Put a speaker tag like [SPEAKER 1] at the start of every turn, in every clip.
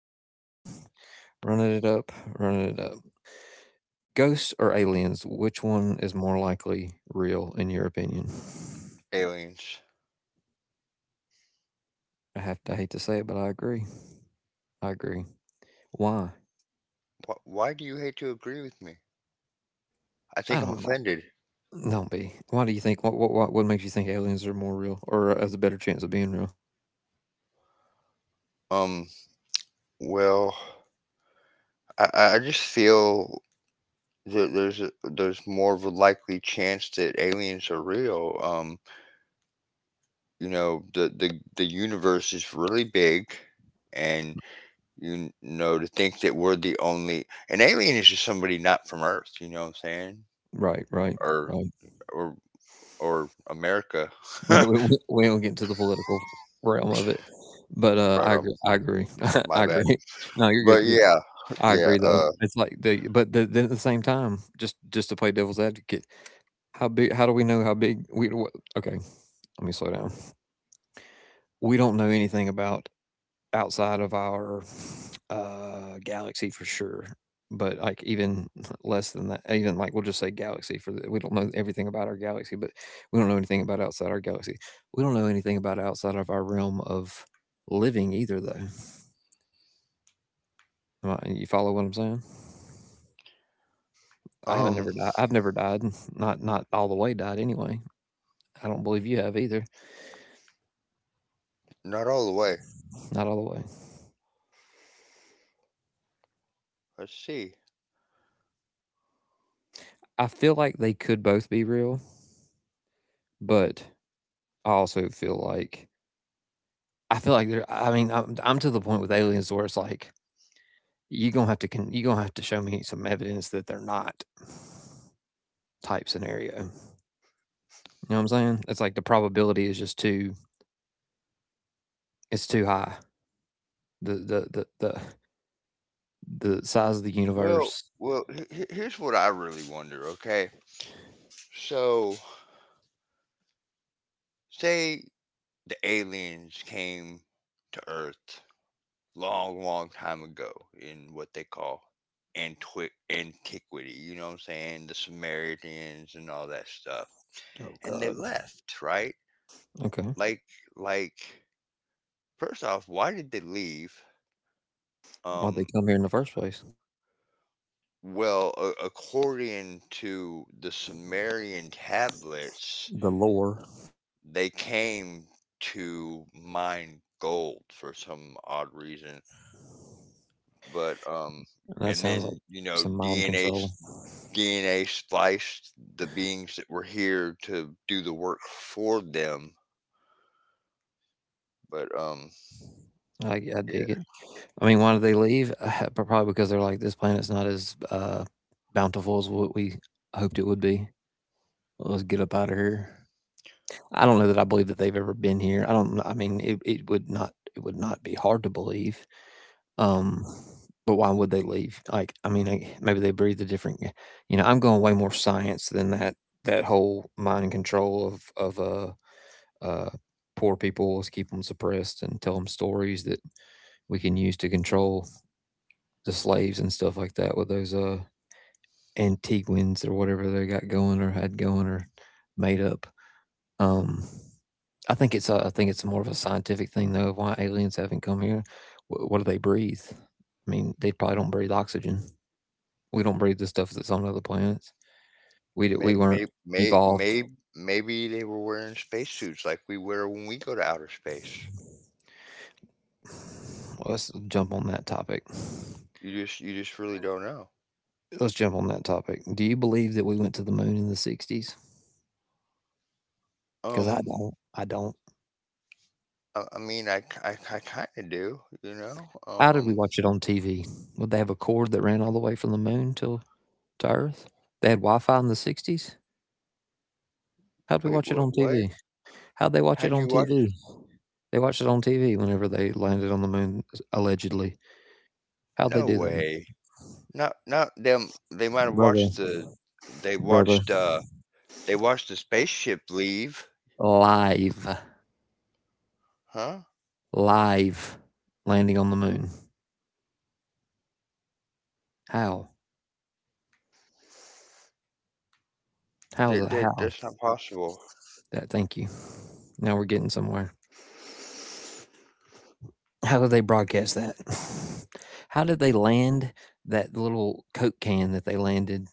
[SPEAKER 1] again, running it up, running it up. Ghosts or aliens, which one is more likely real in your opinion?
[SPEAKER 2] Aliens.
[SPEAKER 1] I hate to say it, but I agree. I agree. Why?
[SPEAKER 2] Why do you hate to agree with me? I
[SPEAKER 1] I
[SPEAKER 2] think I'm
[SPEAKER 1] don't know.
[SPEAKER 2] offended.
[SPEAKER 1] Don't be. Why do you think? What makes you think aliens are more real or has a better chance of being real?
[SPEAKER 2] Um, well, I just feel that there's more of a likely chance that aliens are real. The universe is really big, and to think that we're the only an alien is just somebody not from Earth. You know what I'm saying?
[SPEAKER 1] Right, right,
[SPEAKER 2] Or
[SPEAKER 1] right.
[SPEAKER 2] or America.
[SPEAKER 1] Yeah,
[SPEAKER 2] Right
[SPEAKER 1] we don't get into the political realm of it, but I
[SPEAKER 2] on.
[SPEAKER 1] agree. I agree.
[SPEAKER 2] My
[SPEAKER 1] I
[SPEAKER 2] bad.
[SPEAKER 1] agree. No, you're good.
[SPEAKER 2] But
[SPEAKER 1] You're good.
[SPEAKER 2] yeah,
[SPEAKER 1] I
[SPEAKER 2] yeah.
[SPEAKER 1] agree though. It's like the but the then At the same time, just to play devil's advocate, how big how do we know how big we wha okay, let me slow down. We don't know anything about outside of our, galaxy for sure, but, like, even less than that, even, like, we'll just say galaxy for the we don't know everything about our galaxy, but we don't know anything about outside our galaxy. We don't know anything about outside of our realm of living either though. Am I You follow what I'm saying? I haven't
[SPEAKER 2] Um.
[SPEAKER 1] never died. I've never died. Not all the way died anyway. I don't believe you have either.
[SPEAKER 2] Not all the way.
[SPEAKER 1] Not all the way.
[SPEAKER 2] Let's see.
[SPEAKER 1] I feel like they could both be real, but I also feel like I feel like they're. I mean, I'm to the point with aliens where it's like you gonna have to you gonna have to show me some evidence that they're not type scenario. You know what I'm saying? It's like the probability is just too it's too high. The the the the the size of the universe.
[SPEAKER 2] Here's what I really wonder. Okay, so say the aliens came to Earth long, long time ago in what they call antiquity. You know what I'm saying? The Samaritans and all that stuff,
[SPEAKER 1] Oh
[SPEAKER 2] and they
[SPEAKER 1] God.
[SPEAKER 2] left, right?
[SPEAKER 1] Okay.
[SPEAKER 2] Like, like, first off, why did they leave?
[SPEAKER 1] Why'd they
[SPEAKER 2] Um,
[SPEAKER 1] come here in the first place?
[SPEAKER 2] well, according to the Sumerian tablets
[SPEAKER 1] The lore.
[SPEAKER 2] they came to mine gold for some odd reason. But
[SPEAKER 1] That
[SPEAKER 2] And
[SPEAKER 1] sounds like
[SPEAKER 2] then,
[SPEAKER 1] some mind
[SPEAKER 2] DNA
[SPEAKER 1] control.
[SPEAKER 2] s- DNA spliced the beings that were here to do the work for them. But
[SPEAKER 1] I dig
[SPEAKER 2] yeah,
[SPEAKER 1] it. I mean, why did they leave? But probably because they're like, this planet's not as bountiful as what we hoped it would be. Let's get up out of here. I don't know that I believe that they've ever been here. I don't. I mean, It would not be hard to believe. Um, but why would they leave? Like, I mean, maybe they breathe a different. You know, I'm going way more science than that. That whole mind control of uh, poor people, let's keep them suppressed and tell them stories that we can use to control the slaves and stuff like that with those Antiguans or whatever they got going or had going or made up. Um, I think it's more of a scientific thing though. Of Why aliens haven't come here? What do they breathe? I mean, they probably don't breathe oxygen. We don't breathe the stuff that's on other planets. We
[SPEAKER 2] may,
[SPEAKER 1] weren't
[SPEAKER 2] may, may,
[SPEAKER 1] evolved.
[SPEAKER 2] may, maybe they were wearing spacesuits like we wear when we go to outer space.
[SPEAKER 1] Well, let's jump on that topic.
[SPEAKER 2] You just really don't know.
[SPEAKER 1] Let's jump on that topic. Do you believe that we went to the moon in the '60s? Because I
[SPEAKER 2] Um
[SPEAKER 1] don't. I don't.
[SPEAKER 2] I mean I kind of do, you know.
[SPEAKER 1] How did
[SPEAKER 2] Um
[SPEAKER 1] we watch it on TV? Would they have a cord that ran all the way from the moon to Earth? They had Wi-Fi in the '60s. How'd we
[SPEAKER 2] wait,
[SPEAKER 1] watch it
[SPEAKER 2] what
[SPEAKER 1] on
[SPEAKER 2] what?
[SPEAKER 1] TV? How'd they watch it
[SPEAKER 2] How'd
[SPEAKER 1] on
[SPEAKER 2] you watch.
[SPEAKER 1] TV? They watched it on TV whenever they landed on the moon, allegedly. How'd they
[SPEAKER 2] No
[SPEAKER 1] do that?
[SPEAKER 2] way. Not them. They might have
[SPEAKER 1] Brother,
[SPEAKER 2] watched the. They
[SPEAKER 1] brother,
[SPEAKER 2] watched. They watched the spaceship leave.
[SPEAKER 1] live,
[SPEAKER 2] Huh?
[SPEAKER 1] live landing on the moon. How? How's
[SPEAKER 2] That
[SPEAKER 1] it?
[SPEAKER 2] that
[SPEAKER 1] How?
[SPEAKER 2] that's not possible.
[SPEAKER 1] That, thank you. Now we're getting somewhere. How did they broadcast that? How did they land that little Coke can that they landed?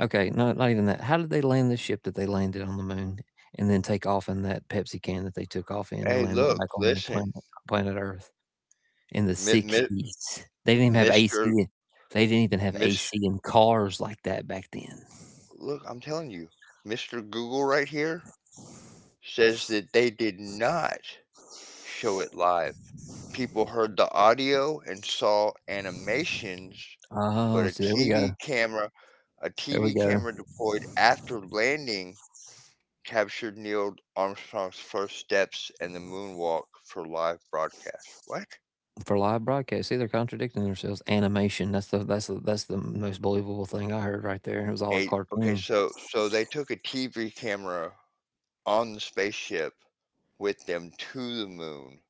[SPEAKER 1] Okay, no, not even that. How did they land the ship that they landed on the moon and then take off in that Pepsi can that they took off in and
[SPEAKER 2] Hey,
[SPEAKER 1] land that
[SPEAKER 2] look,
[SPEAKER 1] back on the
[SPEAKER 2] listen,
[SPEAKER 1] planet Earth in the
[SPEAKER 2] mi- mi-
[SPEAKER 1] '60s? They didn't even have
[SPEAKER 2] Mister
[SPEAKER 1] AC. They didn't even have
[SPEAKER 2] Miss.
[SPEAKER 1] AC in cars like that back then.
[SPEAKER 2] Look, I'm telling you, Mister Google right here says that they did not show it live. People heard the audio and saw animations, but
[SPEAKER 1] Oh, so there we
[SPEAKER 2] a
[SPEAKER 1] go.
[SPEAKER 2] TV camera, a
[SPEAKER 1] There we
[SPEAKER 2] TV
[SPEAKER 1] go.
[SPEAKER 2] camera deployed after landing captured Neil Armstrong's first steps and the moonwalk for live broadcast. What?
[SPEAKER 1] For live broadcast, see, they're contradicting themselves. Animation. That's the most believable thing I heard right there. It was all a
[SPEAKER 2] Eight. Okay,
[SPEAKER 1] cartoon.
[SPEAKER 2] so they took a TV camera on the spaceship with them to the moon,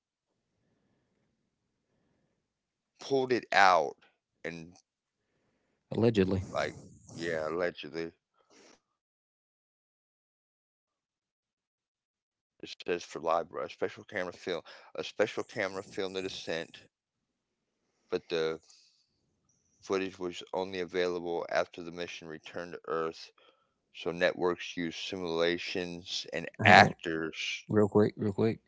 [SPEAKER 2] pulled it out, and
[SPEAKER 1] Allegedly.
[SPEAKER 2] like yeah, allegedly it says for live, bro. A special camera filmed the descent, but the footage was only available after the mission returned to Earth. So networks use simulations and
[SPEAKER 1] Hang on,
[SPEAKER 2] actors.
[SPEAKER 1] real quick, real quick.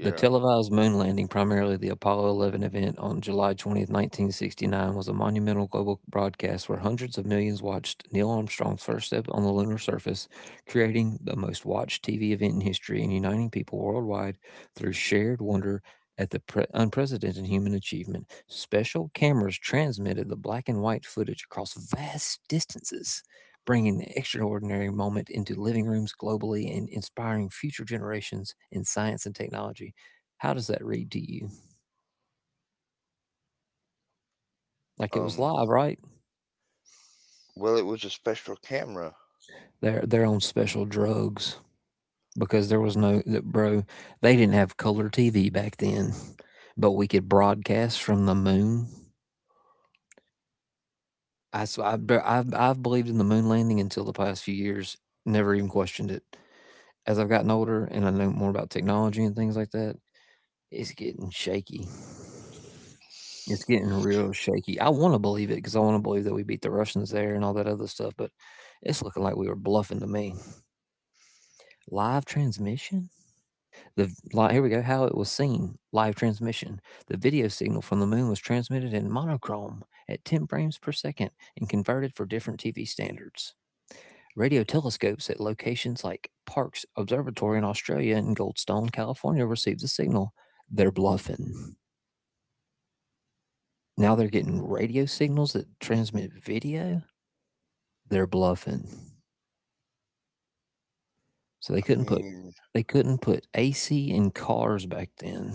[SPEAKER 1] The televised moon landing, primarily the Apollo 11 event on July 20th, 1969, was a monumental global broadcast where hundreds of millions watched Neil Armstrong's first step on the lunar surface, creating the most watched TV event in history and uniting people worldwide through shared wonder at the unprecedented human achievement. Special cameras transmitted the black and white footage across vast distances, bringing the extraordinary moment into living rooms globally and inspiring future generations in science and technology. How does that read to you? Like it was
[SPEAKER 2] Um.
[SPEAKER 1] live, right?
[SPEAKER 2] Well, it was a special camera.
[SPEAKER 1] They're on special drugs because there was no that bro. They didn't have color TV back then, but we could broadcast from the moon. I s- I be- I've believed in the moon landing until the past few years. Never even questioned it. As I've gotten older and I know more about technology and things like that, it's getting shaky. It's getting real shaky. I want to believe it because I want to believe that we beat the Russians there and all that other stuff, but it's looking like we were bluffing to me. Live transmission? Here we go. How it was seen. Live transmission. The video signal from the moon was transmitted in monochrome at 10 frames per second and converted for different TV standards. Radio telescopes at locations like Parkes Observatory in Australia and Goldstone, California received the signal. They're bluffing. Now they're getting radio signals that transmit video. They're bluffing. So they
[SPEAKER 2] I
[SPEAKER 1] couldn't put
[SPEAKER 2] mean,
[SPEAKER 1] they couldn't put AC in cars back then,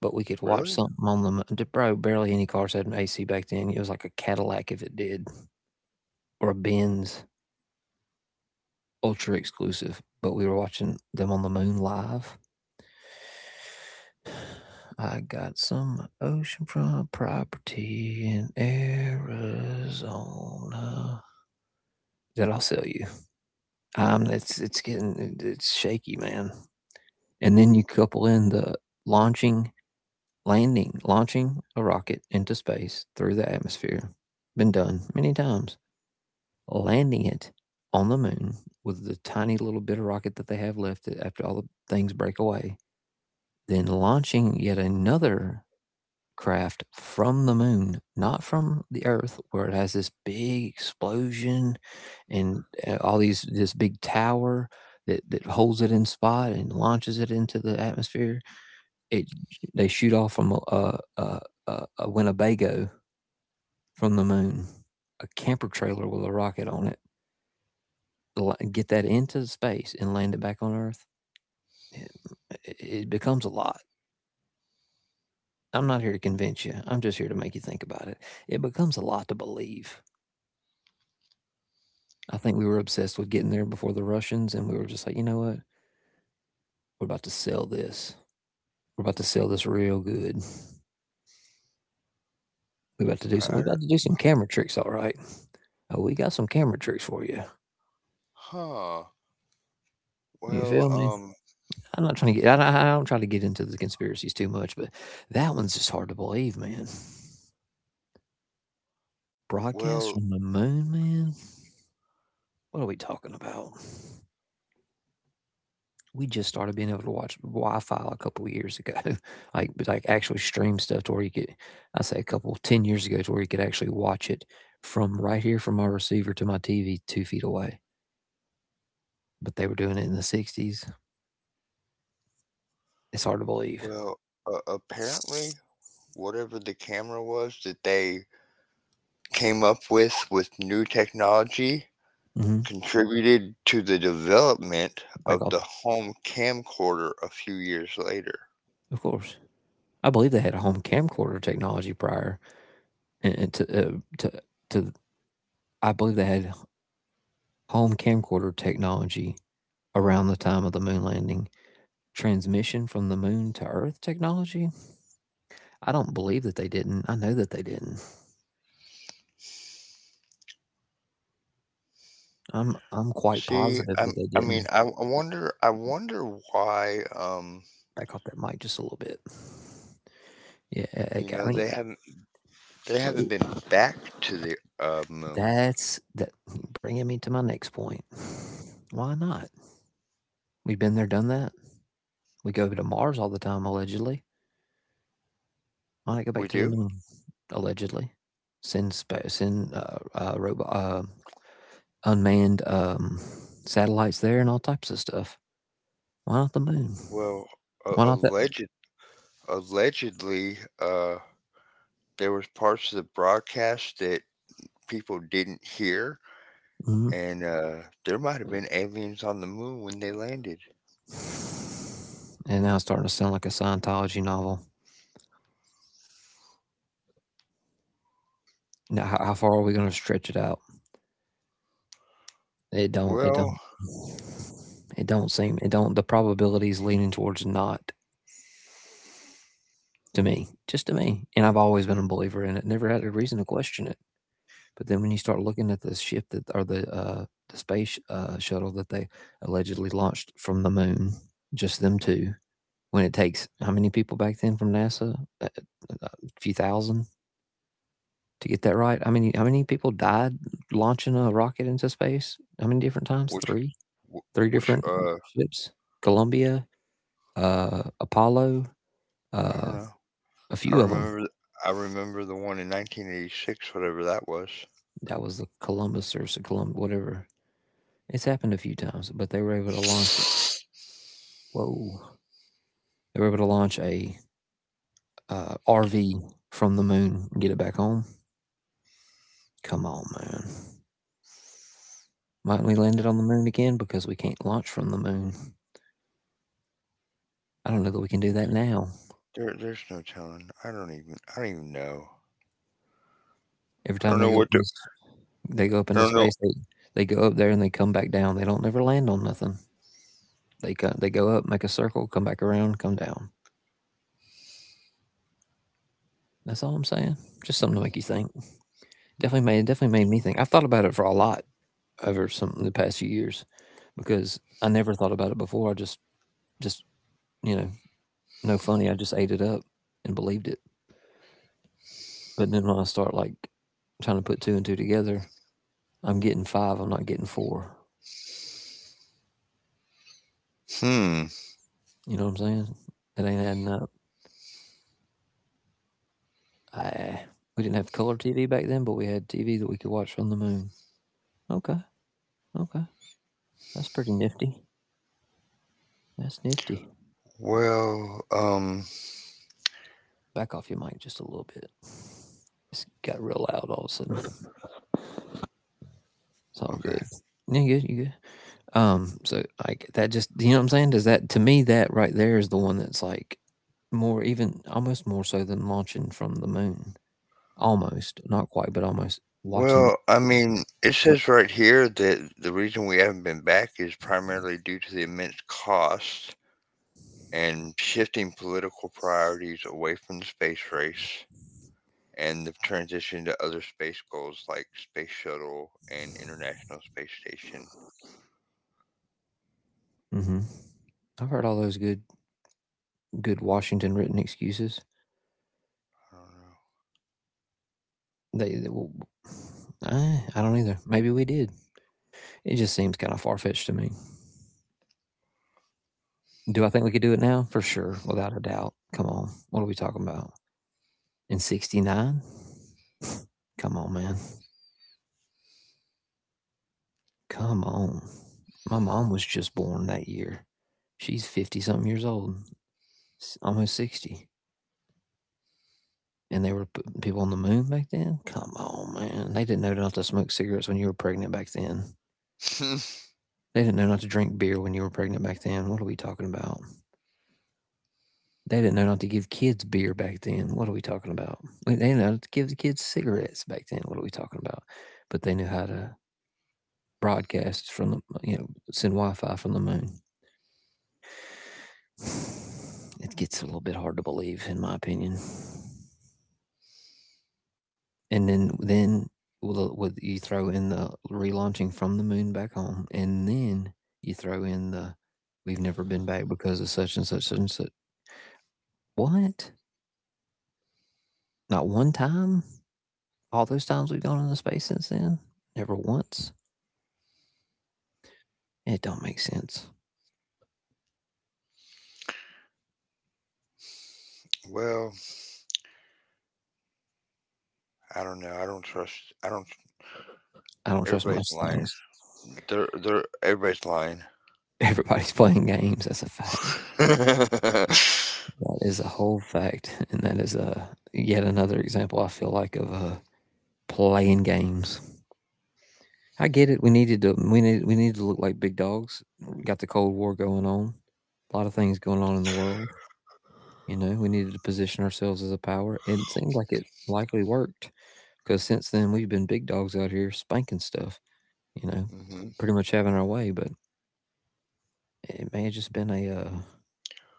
[SPEAKER 1] but we could watch
[SPEAKER 2] really?
[SPEAKER 1] something on them. Probably barely any cars had an AC back then. It was like a Cadillac if it did, or a Benz, ultra exclusive. But we were watching them on the moon live. I got some oceanfront property in Arizona that I'll sell you. It's getting it's shaky, man. And then you couple in the launching, landing, launching a rocket into space through the atmosphere. Been done many times. Landing it on the moon with the tiny little bit of rocket that they have left after all the things break away. Then launching yet another craft from the moon, not from the Earth, where it has this big explosion and all these this big tower that holds it in spot and launches it into the atmosphere. It They shoot off from a Winnebago from the moon, a camper trailer with a rocket on it, get that into space and land it back on Earth. It becomes a lot. I'm not here to convince you. I'm just here to make you think about it. It becomes a lot to believe. I think we were obsessed with getting there before the Russians, and we were just like, you know what? We're about to sell this. We're about to sell this real good. We're
[SPEAKER 2] I
[SPEAKER 1] about
[SPEAKER 2] don't.
[SPEAKER 1] to do some camera tricks, all right. Oh, we got some camera tricks for you.
[SPEAKER 2] Huh.
[SPEAKER 1] You feel
[SPEAKER 2] Well.
[SPEAKER 1] me? I'm not trying to get. I don't try to get into the conspiracies too much, but that one's just hard to believe, man.
[SPEAKER 2] Well.
[SPEAKER 1] Broadcast from the moon, man. What are we talking about? We just started being able to watch Wi-Fi a couple of years ago, like actually stream stuff to where you could, I say a couple 10 years ago, to where you could actually watch it from right here from my receiver to my TV 2 feet away. But they were doing it in the '60s. It's hard to believe.
[SPEAKER 2] Well. Apparently, whatever the camera was that they came up with new technology
[SPEAKER 1] hmm
[SPEAKER 2] contributed to the development
[SPEAKER 1] Like,
[SPEAKER 2] of the home camcorder a few years later.
[SPEAKER 1] of course, I believe they had a home camcorder technology prior, and to to I believe they had home camcorder technology around the time of the moon landing. Transmission from the moon to Earth technology, I don't believe that they didn't. I know that they didn't. I'm quite
[SPEAKER 2] See,
[SPEAKER 1] positive that they
[SPEAKER 2] I mean,
[SPEAKER 1] didn't.
[SPEAKER 2] I wonder why,
[SPEAKER 1] Back off that mic just a little bit. Yeah,
[SPEAKER 2] you know,
[SPEAKER 1] I
[SPEAKER 2] they
[SPEAKER 1] got
[SPEAKER 2] haven't,
[SPEAKER 1] me.
[SPEAKER 2] they haven't been back to the moon.
[SPEAKER 1] That's that bringing me to my next point. Why not? We've been there, done that. We go to Mars all the time, allegedly. Why not go
[SPEAKER 2] We
[SPEAKER 1] back to the
[SPEAKER 2] do?
[SPEAKER 1] moon, allegedly? Send robot unmanned satellites there and all types of stuff. Why not the moon?
[SPEAKER 2] Well, uh,
[SPEAKER 1] Why not that?
[SPEAKER 2] alleged, allegedly, there was parts of the broadcast that people didn't hear,
[SPEAKER 1] Mhm.
[SPEAKER 2] and there might have been aliens on the moon when they landed.
[SPEAKER 1] And now it's starting to sound like a Scientology novel. Now, how far are we going to stretch it out? It don't. It don't.
[SPEAKER 2] Well,
[SPEAKER 1] It don't seem. It don't. The probability is leaning towards not, to me, just to me. And I've always been a believer in it. Never had a reason to question it. But then when you start looking at the space shuttle that they allegedly launched from the moon, just them two. When it takes how many people back then from NASA? A, a few thousand to get that right. I mean, how many people died launching a rocket into space? How many different times?
[SPEAKER 2] which,
[SPEAKER 1] Three,
[SPEAKER 2] wh-
[SPEAKER 1] three
[SPEAKER 2] which,
[SPEAKER 1] different
[SPEAKER 2] uh,
[SPEAKER 1] ships. Columbia, Apollo,
[SPEAKER 2] I don't
[SPEAKER 1] uh,
[SPEAKER 2] know.
[SPEAKER 1] a
[SPEAKER 2] I
[SPEAKER 1] few of them.
[SPEAKER 2] remember, I remember the one in 1986, whatever that was.
[SPEAKER 1] That was the Columbus or Columbus, whatever. It's happened a few times, but they were able to launch it. Whoa, they were able to launch a RV from the moon and get it back home. Come on, man. Might we land it on the moon again because we can't launch from the moon? I don't know that we can do that now.
[SPEAKER 2] There's no telling. I don't even. I don't even know.
[SPEAKER 1] Every time
[SPEAKER 2] I don't
[SPEAKER 1] they
[SPEAKER 2] know
[SPEAKER 1] go up
[SPEAKER 2] what
[SPEAKER 1] the
[SPEAKER 2] to.
[SPEAKER 1] They go up into
[SPEAKER 2] I don't know.
[SPEAKER 1] space, they go up there and they come back down, they don't never land on nothing. They go up, make a circle, come back around, come down. That's all I'm saying. Just something to make you think. Definitely made me think. I've thought about it for a lot over some the past few years because I never thought about it before. I just you know, no funny, I just ate it up and believed it. But then when I start, like, trying to put two and two together, I'm getting five, I'm not getting four.
[SPEAKER 2] Hmm.
[SPEAKER 1] You know what I'm saying? It ain't adding up. I we didn't have color TV back then, but we had TV that we could watch from the moon. Okay, okay, that's pretty nifty. That's nifty.
[SPEAKER 2] Well.
[SPEAKER 1] Back off your mic just a little bit. It's got real loud all of a sudden. It's all good.
[SPEAKER 2] Okay.
[SPEAKER 1] Yeah, you good? You good? So like that just, you know what I'm saying? Does that, to me that right there is the one that's like more even almost more so than launching from the moon. Almost, not quite, but almost watching.
[SPEAKER 2] Well, I mean, it says right here that the reason we haven't been back is primarily due to the immense cost and shifting political priorities away from the space race and the transition to other space goals like space shuttle and international space station.
[SPEAKER 1] Hmm. I've heard all those good Washington written excuses.
[SPEAKER 2] I
[SPEAKER 1] They Well, I don't either. Maybe we did. It just seems kind of far fetched to me. Do I think we could do it now? For sure, without a doubt. Come on, what are we talking about? In '69? Come on, man. Come on. My mom was just born that year. She's 50 something years old, almost 60. And they were putting people on the moon back then. Come on, man. They didn't know not to smoke cigarettes when you were pregnant back then.
[SPEAKER 2] don't know.
[SPEAKER 1] They didn't know not to drink beer when you were pregnant back then. What are we talking about? They didn't know not to give kids beer back then. What are we talking about? They didn't know to give the kids cigarettes back then. What are we talking about? But they knew how to broadcast from the, you know, send Wi Fi from the moon. It gets a little bit hard to believe, in my opinion. And then, with you throw in the relaunching from the moon back home, and then you throw in the we've never been back because of such and such and such. What? Not one time? All those times we've gone into space since then, never once. It don't make sense.
[SPEAKER 2] Well, I don't know. I don't trust. I don't.
[SPEAKER 1] I don't trust
[SPEAKER 2] Everybody's
[SPEAKER 1] most
[SPEAKER 2] lying.
[SPEAKER 1] things.
[SPEAKER 2] They're everybody's lying.
[SPEAKER 1] Everybody's playing games. That's a fact. That is a whole fact, and that is a yet another example, I feel like, of playing games. I get it. We needed to. We need. We need to look like big dogs. We got the Cold War going on. A lot of things going on in the world. We needed to position ourselves as a power. It seemed like it likely worked because since then we've been big dogs out here spanking stuff. you know,
[SPEAKER 2] Mhm.
[SPEAKER 1] pretty much having our way, but it may have just been a uh,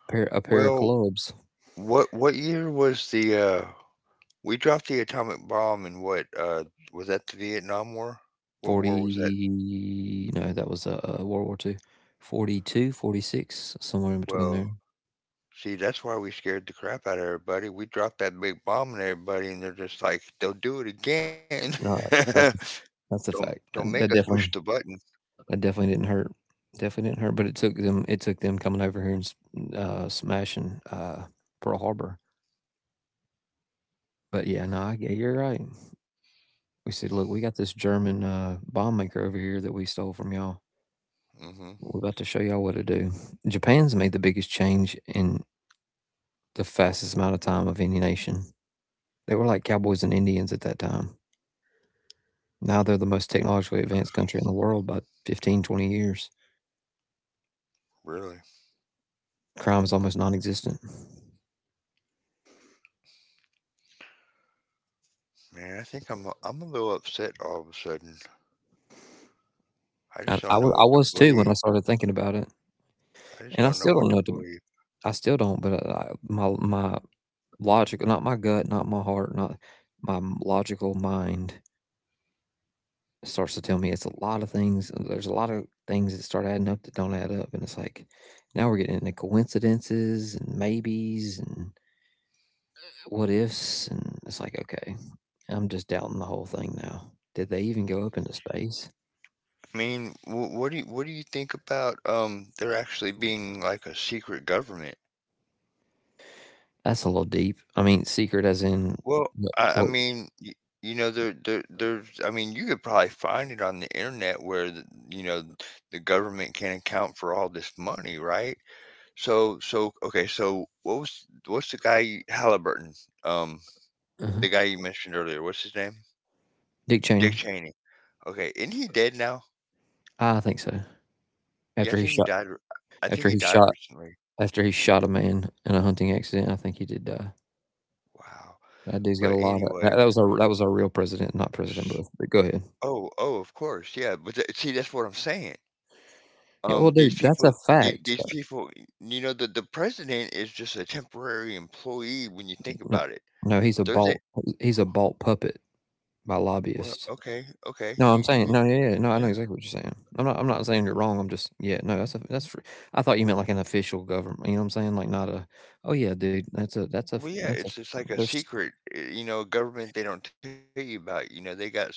[SPEAKER 1] pair a pair of
[SPEAKER 2] Well,
[SPEAKER 1] clubs.
[SPEAKER 2] what year was the we dropped the atomic bomb in what was that the Vietnam War? What war was that?
[SPEAKER 1] 40, no, that was World War II. 42, 46, somewhere in between
[SPEAKER 2] Well,
[SPEAKER 1] there.
[SPEAKER 2] see, that's why we scared the crap out of everybody. We dropped that big bomb on everybody and they're just like, they'll do it again.
[SPEAKER 1] No, that's that's a
[SPEAKER 2] Don't
[SPEAKER 1] fact.
[SPEAKER 2] don't
[SPEAKER 1] That, that
[SPEAKER 2] make us
[SPEAKER 1] definitely
[SPEAKER 2] push the button.
[SPEAKER 1] that definitely didn't hurt. Definitely didn't hurt, but it took them coming over here and smashing Pearl Harbor. But yeah, no, you're right. We said, look, we got this German bomb maker over here that we stole from y'all.
[SPEAKER 2] Hmm.
[SPEAKER 1] We're about to show y'all what to do. Japan's made the biggest change in the fastest amount of time of any nation. They were like cowboys and Indians at that time. Now they're the most technologically advanced country in the world by 15-20 years.
[SPEAKER 2] Really.
[SPEAKER 1] Crime is almost non existent.
[SPEAKER 2] Man, I think I'm a little upset all of a sudden.
[SPEAKER 1] I,
[SPEAKER 2] I
[SPEAKER 1] I,
[SPEAKER 2] just
[SPEAKER 1] wa-
[SPEAKER 2] don't
[SPEAKER 1] I
[SPEAKER 2] know
[SPEAKER 1] was
[SPEAKER 2] what to
[SPEAKER 1] too when I
[SPEAKER 2] believe.
[SPEAKER 1] started thinking about it.
[SPEAKER 2] I
[SPEAKER 1] And I
[SPEAKER 2] just
[SPEAKER 1] still
[SPEAKER 2] don't
[SPEAKER 1] don't
[SPEAKER 2] know
[SPEAKER 1] know. what
[SPEAKER 2] what to
[SPEAKER 1] to-
[SPEAKER 2] believe.
[SPEAKER 1] I still don't, but my logic, not my gut, not my heart, not my logical mind, it starts to tell me it's a lot of things. There's a lot of things that start adding up that don't add up. And it's like, now we're getting into coincidences and maybes and what ifs. And it's like, okay, I'm just doubting the whole thing now. Did they even go up into space?
[SPEAKER 2] I mean, what do you think about there actually being like a secret government?
[SPEAKER 1] That's a little deep. I mean, secret as in
[SPEAKER 2] Well,
[SPEAKER 1] what?
[SPEAKER 2] I
[SPEAKER 1] what
[SPEAKER 2] mean, you know, there's I mean, you could probably find it on the internet where the, you know the government can account for all this money, right? So, okay, so what's the guy Halliburton? Um,
[SPEAKER 1] uh
[SPEAKER 2] the guy you mentioned earlier. What's his name?
[SPEAKER 1] Dick
[SPEAKER 2] Dick
[SPEAKER 1] Cheney.
[SPEAKER 2] Cheney. Okay, isn't he dead now?
[SPEAKER 1] I think so.
[SPEAKER 2] Yeah, I
[SPEAKER 1] After he
[SPEAKER 2] think he
[SPEAKER 1] shot,
[SPEAKER 2] died. I think
[SPEAKER 1] after
[SPEAKER 2] he
[SPEAKER 1] he
[SPEAKER 2] died
[SPEAKER 1] shot,
[SPEAKER 2] recently.
[SPEAKER 1] after he shot a man in a hunting accident, I think he did die.
[SPEAKER 2] Wow.
[SPEAKER 1] That dude's got a
[SPEAKER 2] But
[SPEAKER 1] lot of that,
[SPEAKER 2] anyway,
[SPEAKER 1] that was our real president, not President
[SPEAKER 2] s
[SPEAKER 1] Bush. But go ahead.
[SPEAKER 2] oh, oh, of course, yeah, but tha see, that's what I'm saying.
[SPEAKER 1] Yeah, well,
[SPEAKER 2] Um, these
[SPEAKER 1] dude, that's a
[SPEAKER 2] people the
[SPEAKER 1] fact.
[SPEAKER 2] these people, you know, the president is just a temporary employee when you think
[SPEAKER 1] No,
[SPEAKER 2] about it.
[SPEAKER 1] no, he's a
[SPEAKER 2] There's a
[SPEAKER 1] bought he's a bought puppet by
[SPEAKER 2] well,
[SPEAKER 1] lobbyists.
[SPEAKER 2] okay, okay,
[SPEAKER 1] No,
[SPEAKER 2] you
[SPEAKER 1] I'm
[SPEAKER 2] you
[SPEAKER 1] saying
[SPEAKER 2] could,
[SPEAKER 1] no, yeah, yeah, no, I know
[SPEAKER 2] yeah.
[SPEAKER 1] exactly what you're saying. I'm not saying you're wrong. I'm just, yeah, no, that's a, that's. I thought you meant like an official government. You know what I'm saying? Like not a. Oh yeah, dude, that's a, that's a,
[SPEAKER 2] Well, yeah,
[SPEAKER 1] that's a.
[SPEAKER 2] it's just like a
[SPEAKER 1] There's
[SPEAKER 2] secret, government they don't tell you about. They got secret,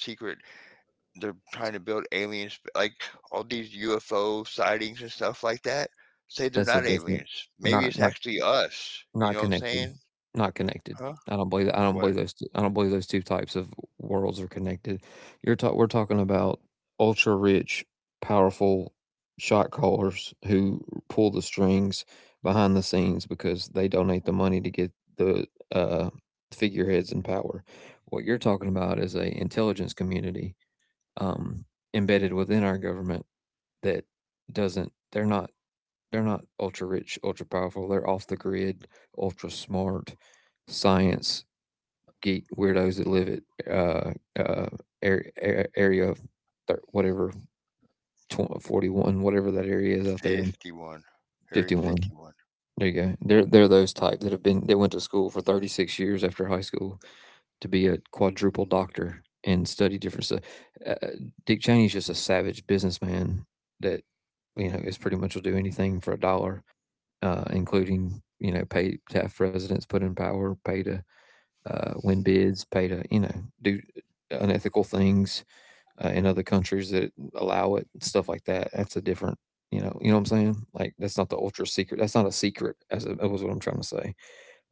[SPEAKER 2] they're trying to build aliens, like, all these UFO sightings and stuff like that, say they're not
[SPEAKER 1] That's a different.
[SPEAKER 2] aliens. Maybe it's
[SPEAKER 1] Not not
[SPEAKER 2] actually us, you know what
[SPEAKER 1] Not
[SPEAKER 2] I'm saying?
[SPEAKER 1] connected. Not connected.
[SPEAKER 2] Huh?
[SPEAKER 1] I don't
[SPEAKER 2] What?
[SPEAKER 1] believe those two, I don't believe those two types of worlds are connected. You're talk we're talking about ultra rich, powerful shot callers who pull the strings behind the scenes because they donate the money to get the, uh, figureheads in power. What you're talking about is a intelligence community, um, embedded within our government that doesn't they're not ultra rich, ultra powerful. They're off the grid, ultra smart, science geek weirdos that live at uh, area thir- whatever 41, whatever that area is out there,
[SPEAKER 2] 51. Area
[SPEAKER 1] 51.
[SPEAKER 2] 51.
[SPEAKER 1] There you go. They're those type that have been that went to school for 36 years after high school to be a quadruple doctor and study different stuff. Uh, uh, Dick Cheney's just a savage businessman that is pretty much will do anything for a dollar, including pay to have presidents put in power, pay to win bids, pay to do unethical things in other countries that allow it, stuff like that. That's a different, you know what I'm saying? Like that's not the ultra secret. That's not a secret. That was what I'm trying to say,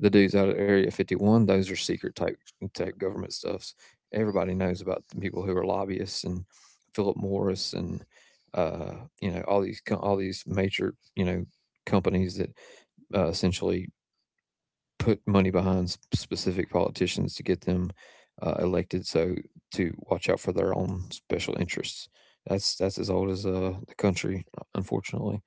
[SPEAKER 1] the dudes out of Area 51, those are secret type government stuffs. Everybody knows about the people who are lobbyists and Philip Morris and uh, all these major companies that essentially put money behind specific politicians to get them elected. So to watch out for their own special interests. That's as old as the country, unfortunately.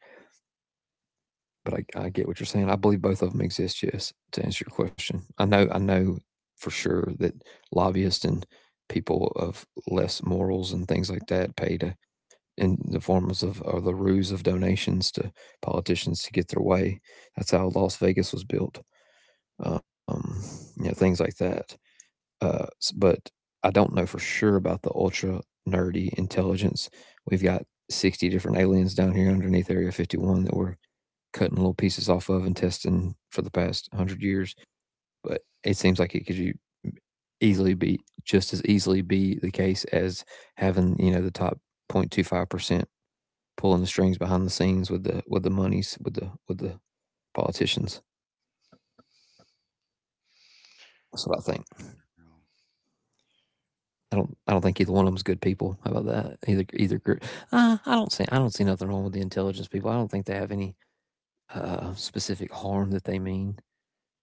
[SPEAKER 1] But I get what you're saying. I believe both of them exist, yes, to answer your question. I know for sure that lobbyists and people of less morals and things like that pay to, in the forms of or the ruse of donations to politicians to get their way. That's how Las Vegas was built. Um, things like that. Uh, but I don't know for sure about the ultra nerdy intelligence. We've got 60 different aliens down here underneath Area 51 that we're cutting little pieces off of and testing for the past 100 years. But it seems like it could you easily be just as easily be the case as having the top 0.25% pulling the strings behind the scenes with the monies with the politicians. That's what I think.
[SPEAKER 2] Um,
[SPEAKER 1] I don't think either one of them's good people. How about that? Either group. I don't see nothing wrong with the intelligence people. I don't think they have any specific harm that they mean.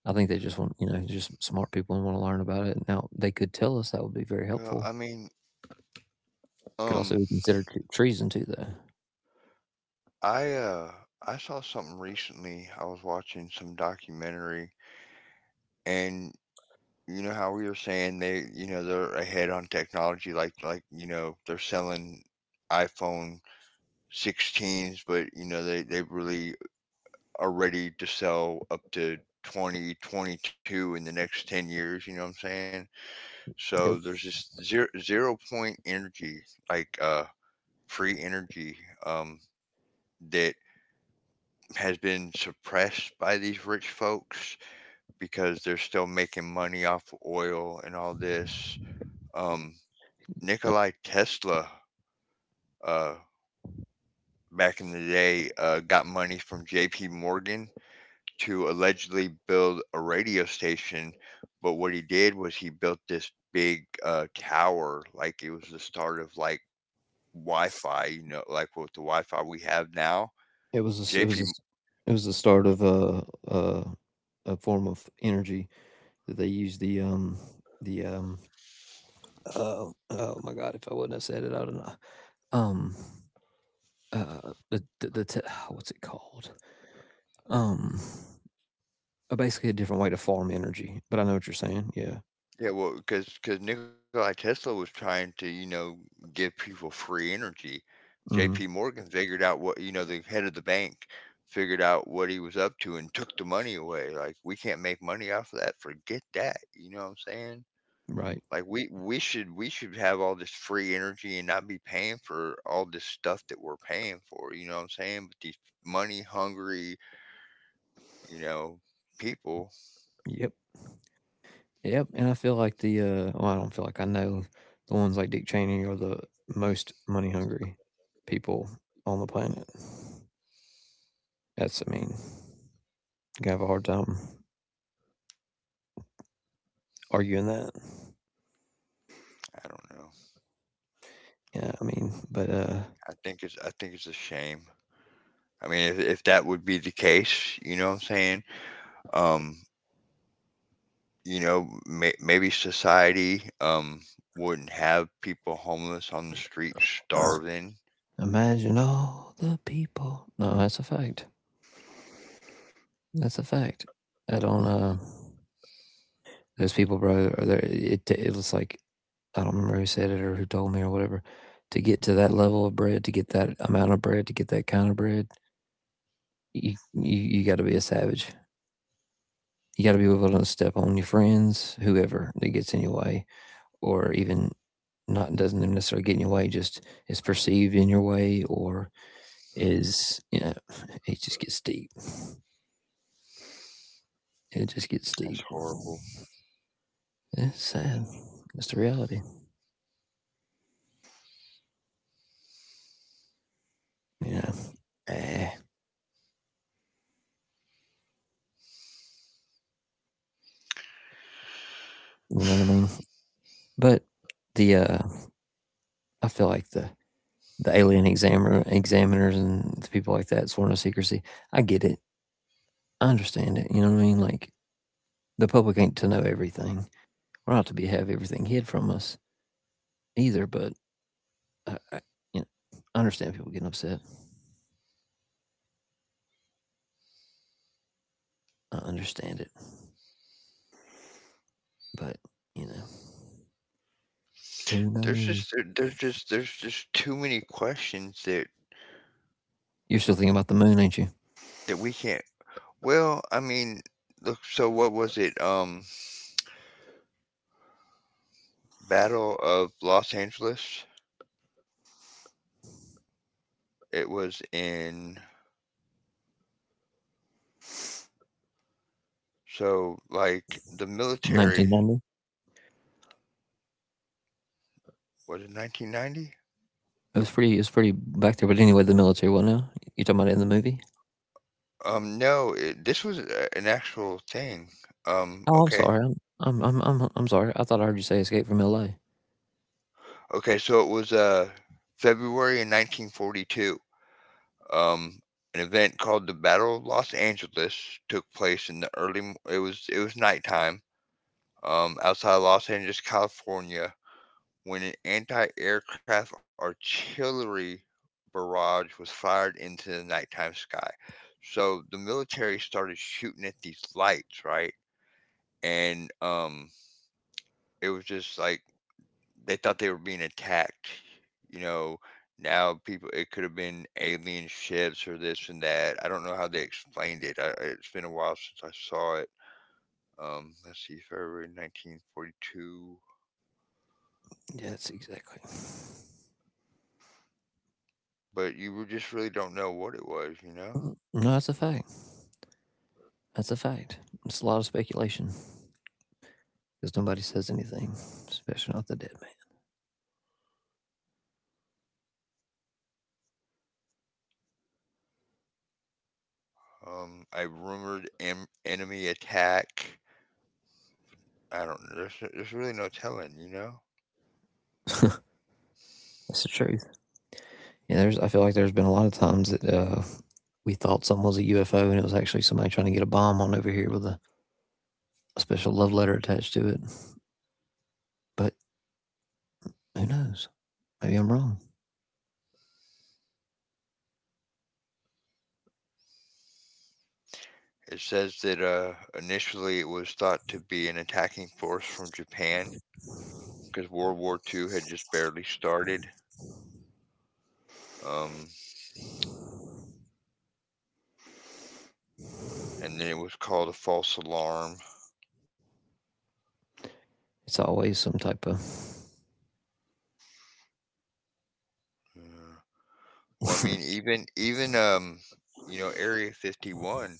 [SPEAKER 1] I think they just want, just smart people and want to learn about it. Now, they could tell us that would be very
[SPEAKER 2] Well,
[SPEAKER 1] helpful.
[SPEAKER 2] I mean,
[SPEAKER 1] Could also
[SPEAKER 2] um,
[SPEAKER 1] be considered treason too, though.
[SPEAKER 2] I uh, I saw something recently. I was watching some documentary, and you know how we were saying they're ahead on technology. Like, you know, they're selling iPhone 16s, but you know they really are ready to sell up to 2022 in the next 10 years. You know what I'm saying?
[SPEAKER 1] Yep.
[SPEAKER 2] So there's this zero zero point energy like free energy um, that has been suppressed by these rich folks because they're still making money off of oil and all this. Um,
[SPEAKER 1] Uh,
[SPEAKER 2] Nikolai Tesla, uh, back in the day, got money from J.P. Morgan to allegedly build a radio station. But what he did was he built this big tower, like it was the start of like Wi-Fi, you know, like with the Wi-Fi we have now.
[SPEAKER 1] It was a s it was a
[SPEAKER 2] J.P.
[SPEAKER 1] s it was the start of a a, a form of energy that they used the um Oh, oh my God! If I wouldn't have said it, I don't know. Um, what's it called? Um, basically a different way to farm energy. But I know what you're saying. Yeah.
[SPEAKER 2] Yeah, well, because Nikola Tesla was trying to, you know, give people free energy. J.P.
[SPEAKER 1] Hmm.
[SPEAKER 2] Morgan figured out what the head of the bank figured out what he was up to and took the money away. Like we can't make money off of that. Forget that. You know what I'm saying?
[SPEAKER 1] Right.
[SPEAKER 2] Like we should have all this free energy and not be paying for all this stuff that we're paying for. You know what I'm saying? But these money hungry, you know, people.
[SPEAKER 1] Yep. Yep, and I feel like I don't feel like I know the ones like Dick Cheney are the most money hungry people on the planet. That's, I mean, you have a hard time arguing that.
[SPEAKER 2] I don't know.
[SPEAKER 1] Yeah, I mean, but
[SPEAKER 2] I think it's a shame. I mean, if that would be the case, you know what I'm saying? Um, maybe society wouldn't have people homeless on the street starving.
[SPEAKER 1] imagine all the people. No, that's a fact. That's a fact. I don't. Those people, bro, are there. It was like I don't remember who said it or who told me or whatever. To get to that level of bread, to get that amount of bread, to get that kind of bread, you got to be a savage. You got to be willing to step on your friends, whoever that gets in your way, or even not doesn't necessarily get in your way, just is perceived in your way, or is you know, it just gets deep. It just gets
[SPEAKER 2] That's
[SPEAKER 1] deep.
[SPEAKER 2] horrible.
[SPEAKER 1] It's sad. It's the reality. You know, eh, you know what I mean. But the I feel like the alien examiner examiners and the people like that sworn to secrecy. I get it. I understand it. You know what I mean? Like the public ain't to know everything. We're not to be have everything hid from us either. But I I understand people getting upset. I understand it, but you know, who
[SPEAKER 2] There's
[SPEAKER 1] knows?
[SPEAKER 2] just there- there's just too many questions that
[SPEAKER 1] You're still thinking about the moon, ain't you?
[SPEAKER 2] that we can't. Well, I mean, look. So what was it? Battle of Los Angeles. It was in, so like the military,
[SPEAKER 1] 1990.
[SPEAKER 2] was it 1990?
[SPEAKER 1] It was pretty. It was pretty back there. But anyway, the military one. Now you're talking about it in the movie.
[SPEAKER 2] No, this was an actual thing.
[SPEAKER 1] Oh, I'm
[SPEAKER 2] Okay.
[SPEAKER 1] sorry. I'm sorry. I thought I heard you say Escape from L.A.
[SPEAKER 2] Okay, so it was February in 1942. Um, an event called the Battle of Los Angeles took place in the early it was nighttime outside Los Angeles, California, when an anti-aircraft artillery barrage was fired into the nighttime sky. So the military started shooting at these lights, right? And it was just like they thought they were being attacked. You know, now people, it could have been alien ships or this and that. I don't know how they explained it. It's been a while since I saw it. Let's see, February 1942.
[SPEAKER 1] Yeah, that's exactly.
[SPEAKER 2] But just really don't know what it was, you know?
[SPEAKER 1] Mm, no, that's a fact. That's a fact. It's a lot of speculation. Because nobody says anything, especially not the dead
[SPEAKER 2] I rumored enemy attack. I don't know. There's really no telling, you know?
[SPEAKER 1] man. That's the truth. Yeah, there's. I feel like there's been a lot of times that we thought something was a UFO and it was actually somebody trying to get a bomb on over here with a special love letter attached to it. But who knows? Maybe I'm wrong.
[SPEAKER 2] It says that initially it was thought to be an attacking force from Japan because World War II had just barely started. Um, and then it was called a false alarm.
[SPEAKER 1] It's always some type of.
[SPEAKER 2] Uh, well, I
[SPEAKER 1] it's,
[SPEAKER 2] mean, even Area 51,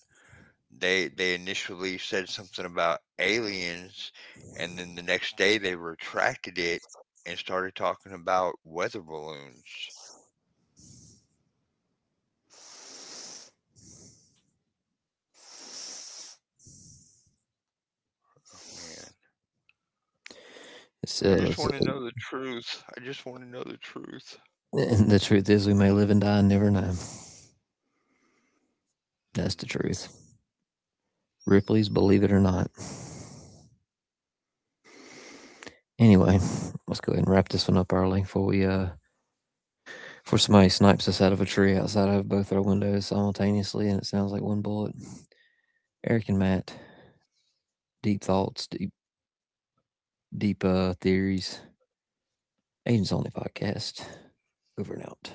[SPEAKER 2] they initially said something about aliens, and then the next day they retracted it and started talking about weather balloons. Oh man, I
[SPEAKER 1] it's,
[SPEAKER 2] just want to know the truth. I just want to know the truth.
[SPEAKER 1] and the truth is, we may live and die and never know. That's
[SPEAKER 2] Hmm.
[SPEAKER 1] the truth. Ripley's, believe it or not. Anyway, let's go ahead and wrap this one up early before we before somebody snipes us out of a tree outside of both our windows simultaneously, and it sounds like one bullet. Eric and Matt, deep thoughts, deep theories. Agents Only podcast. Over and out.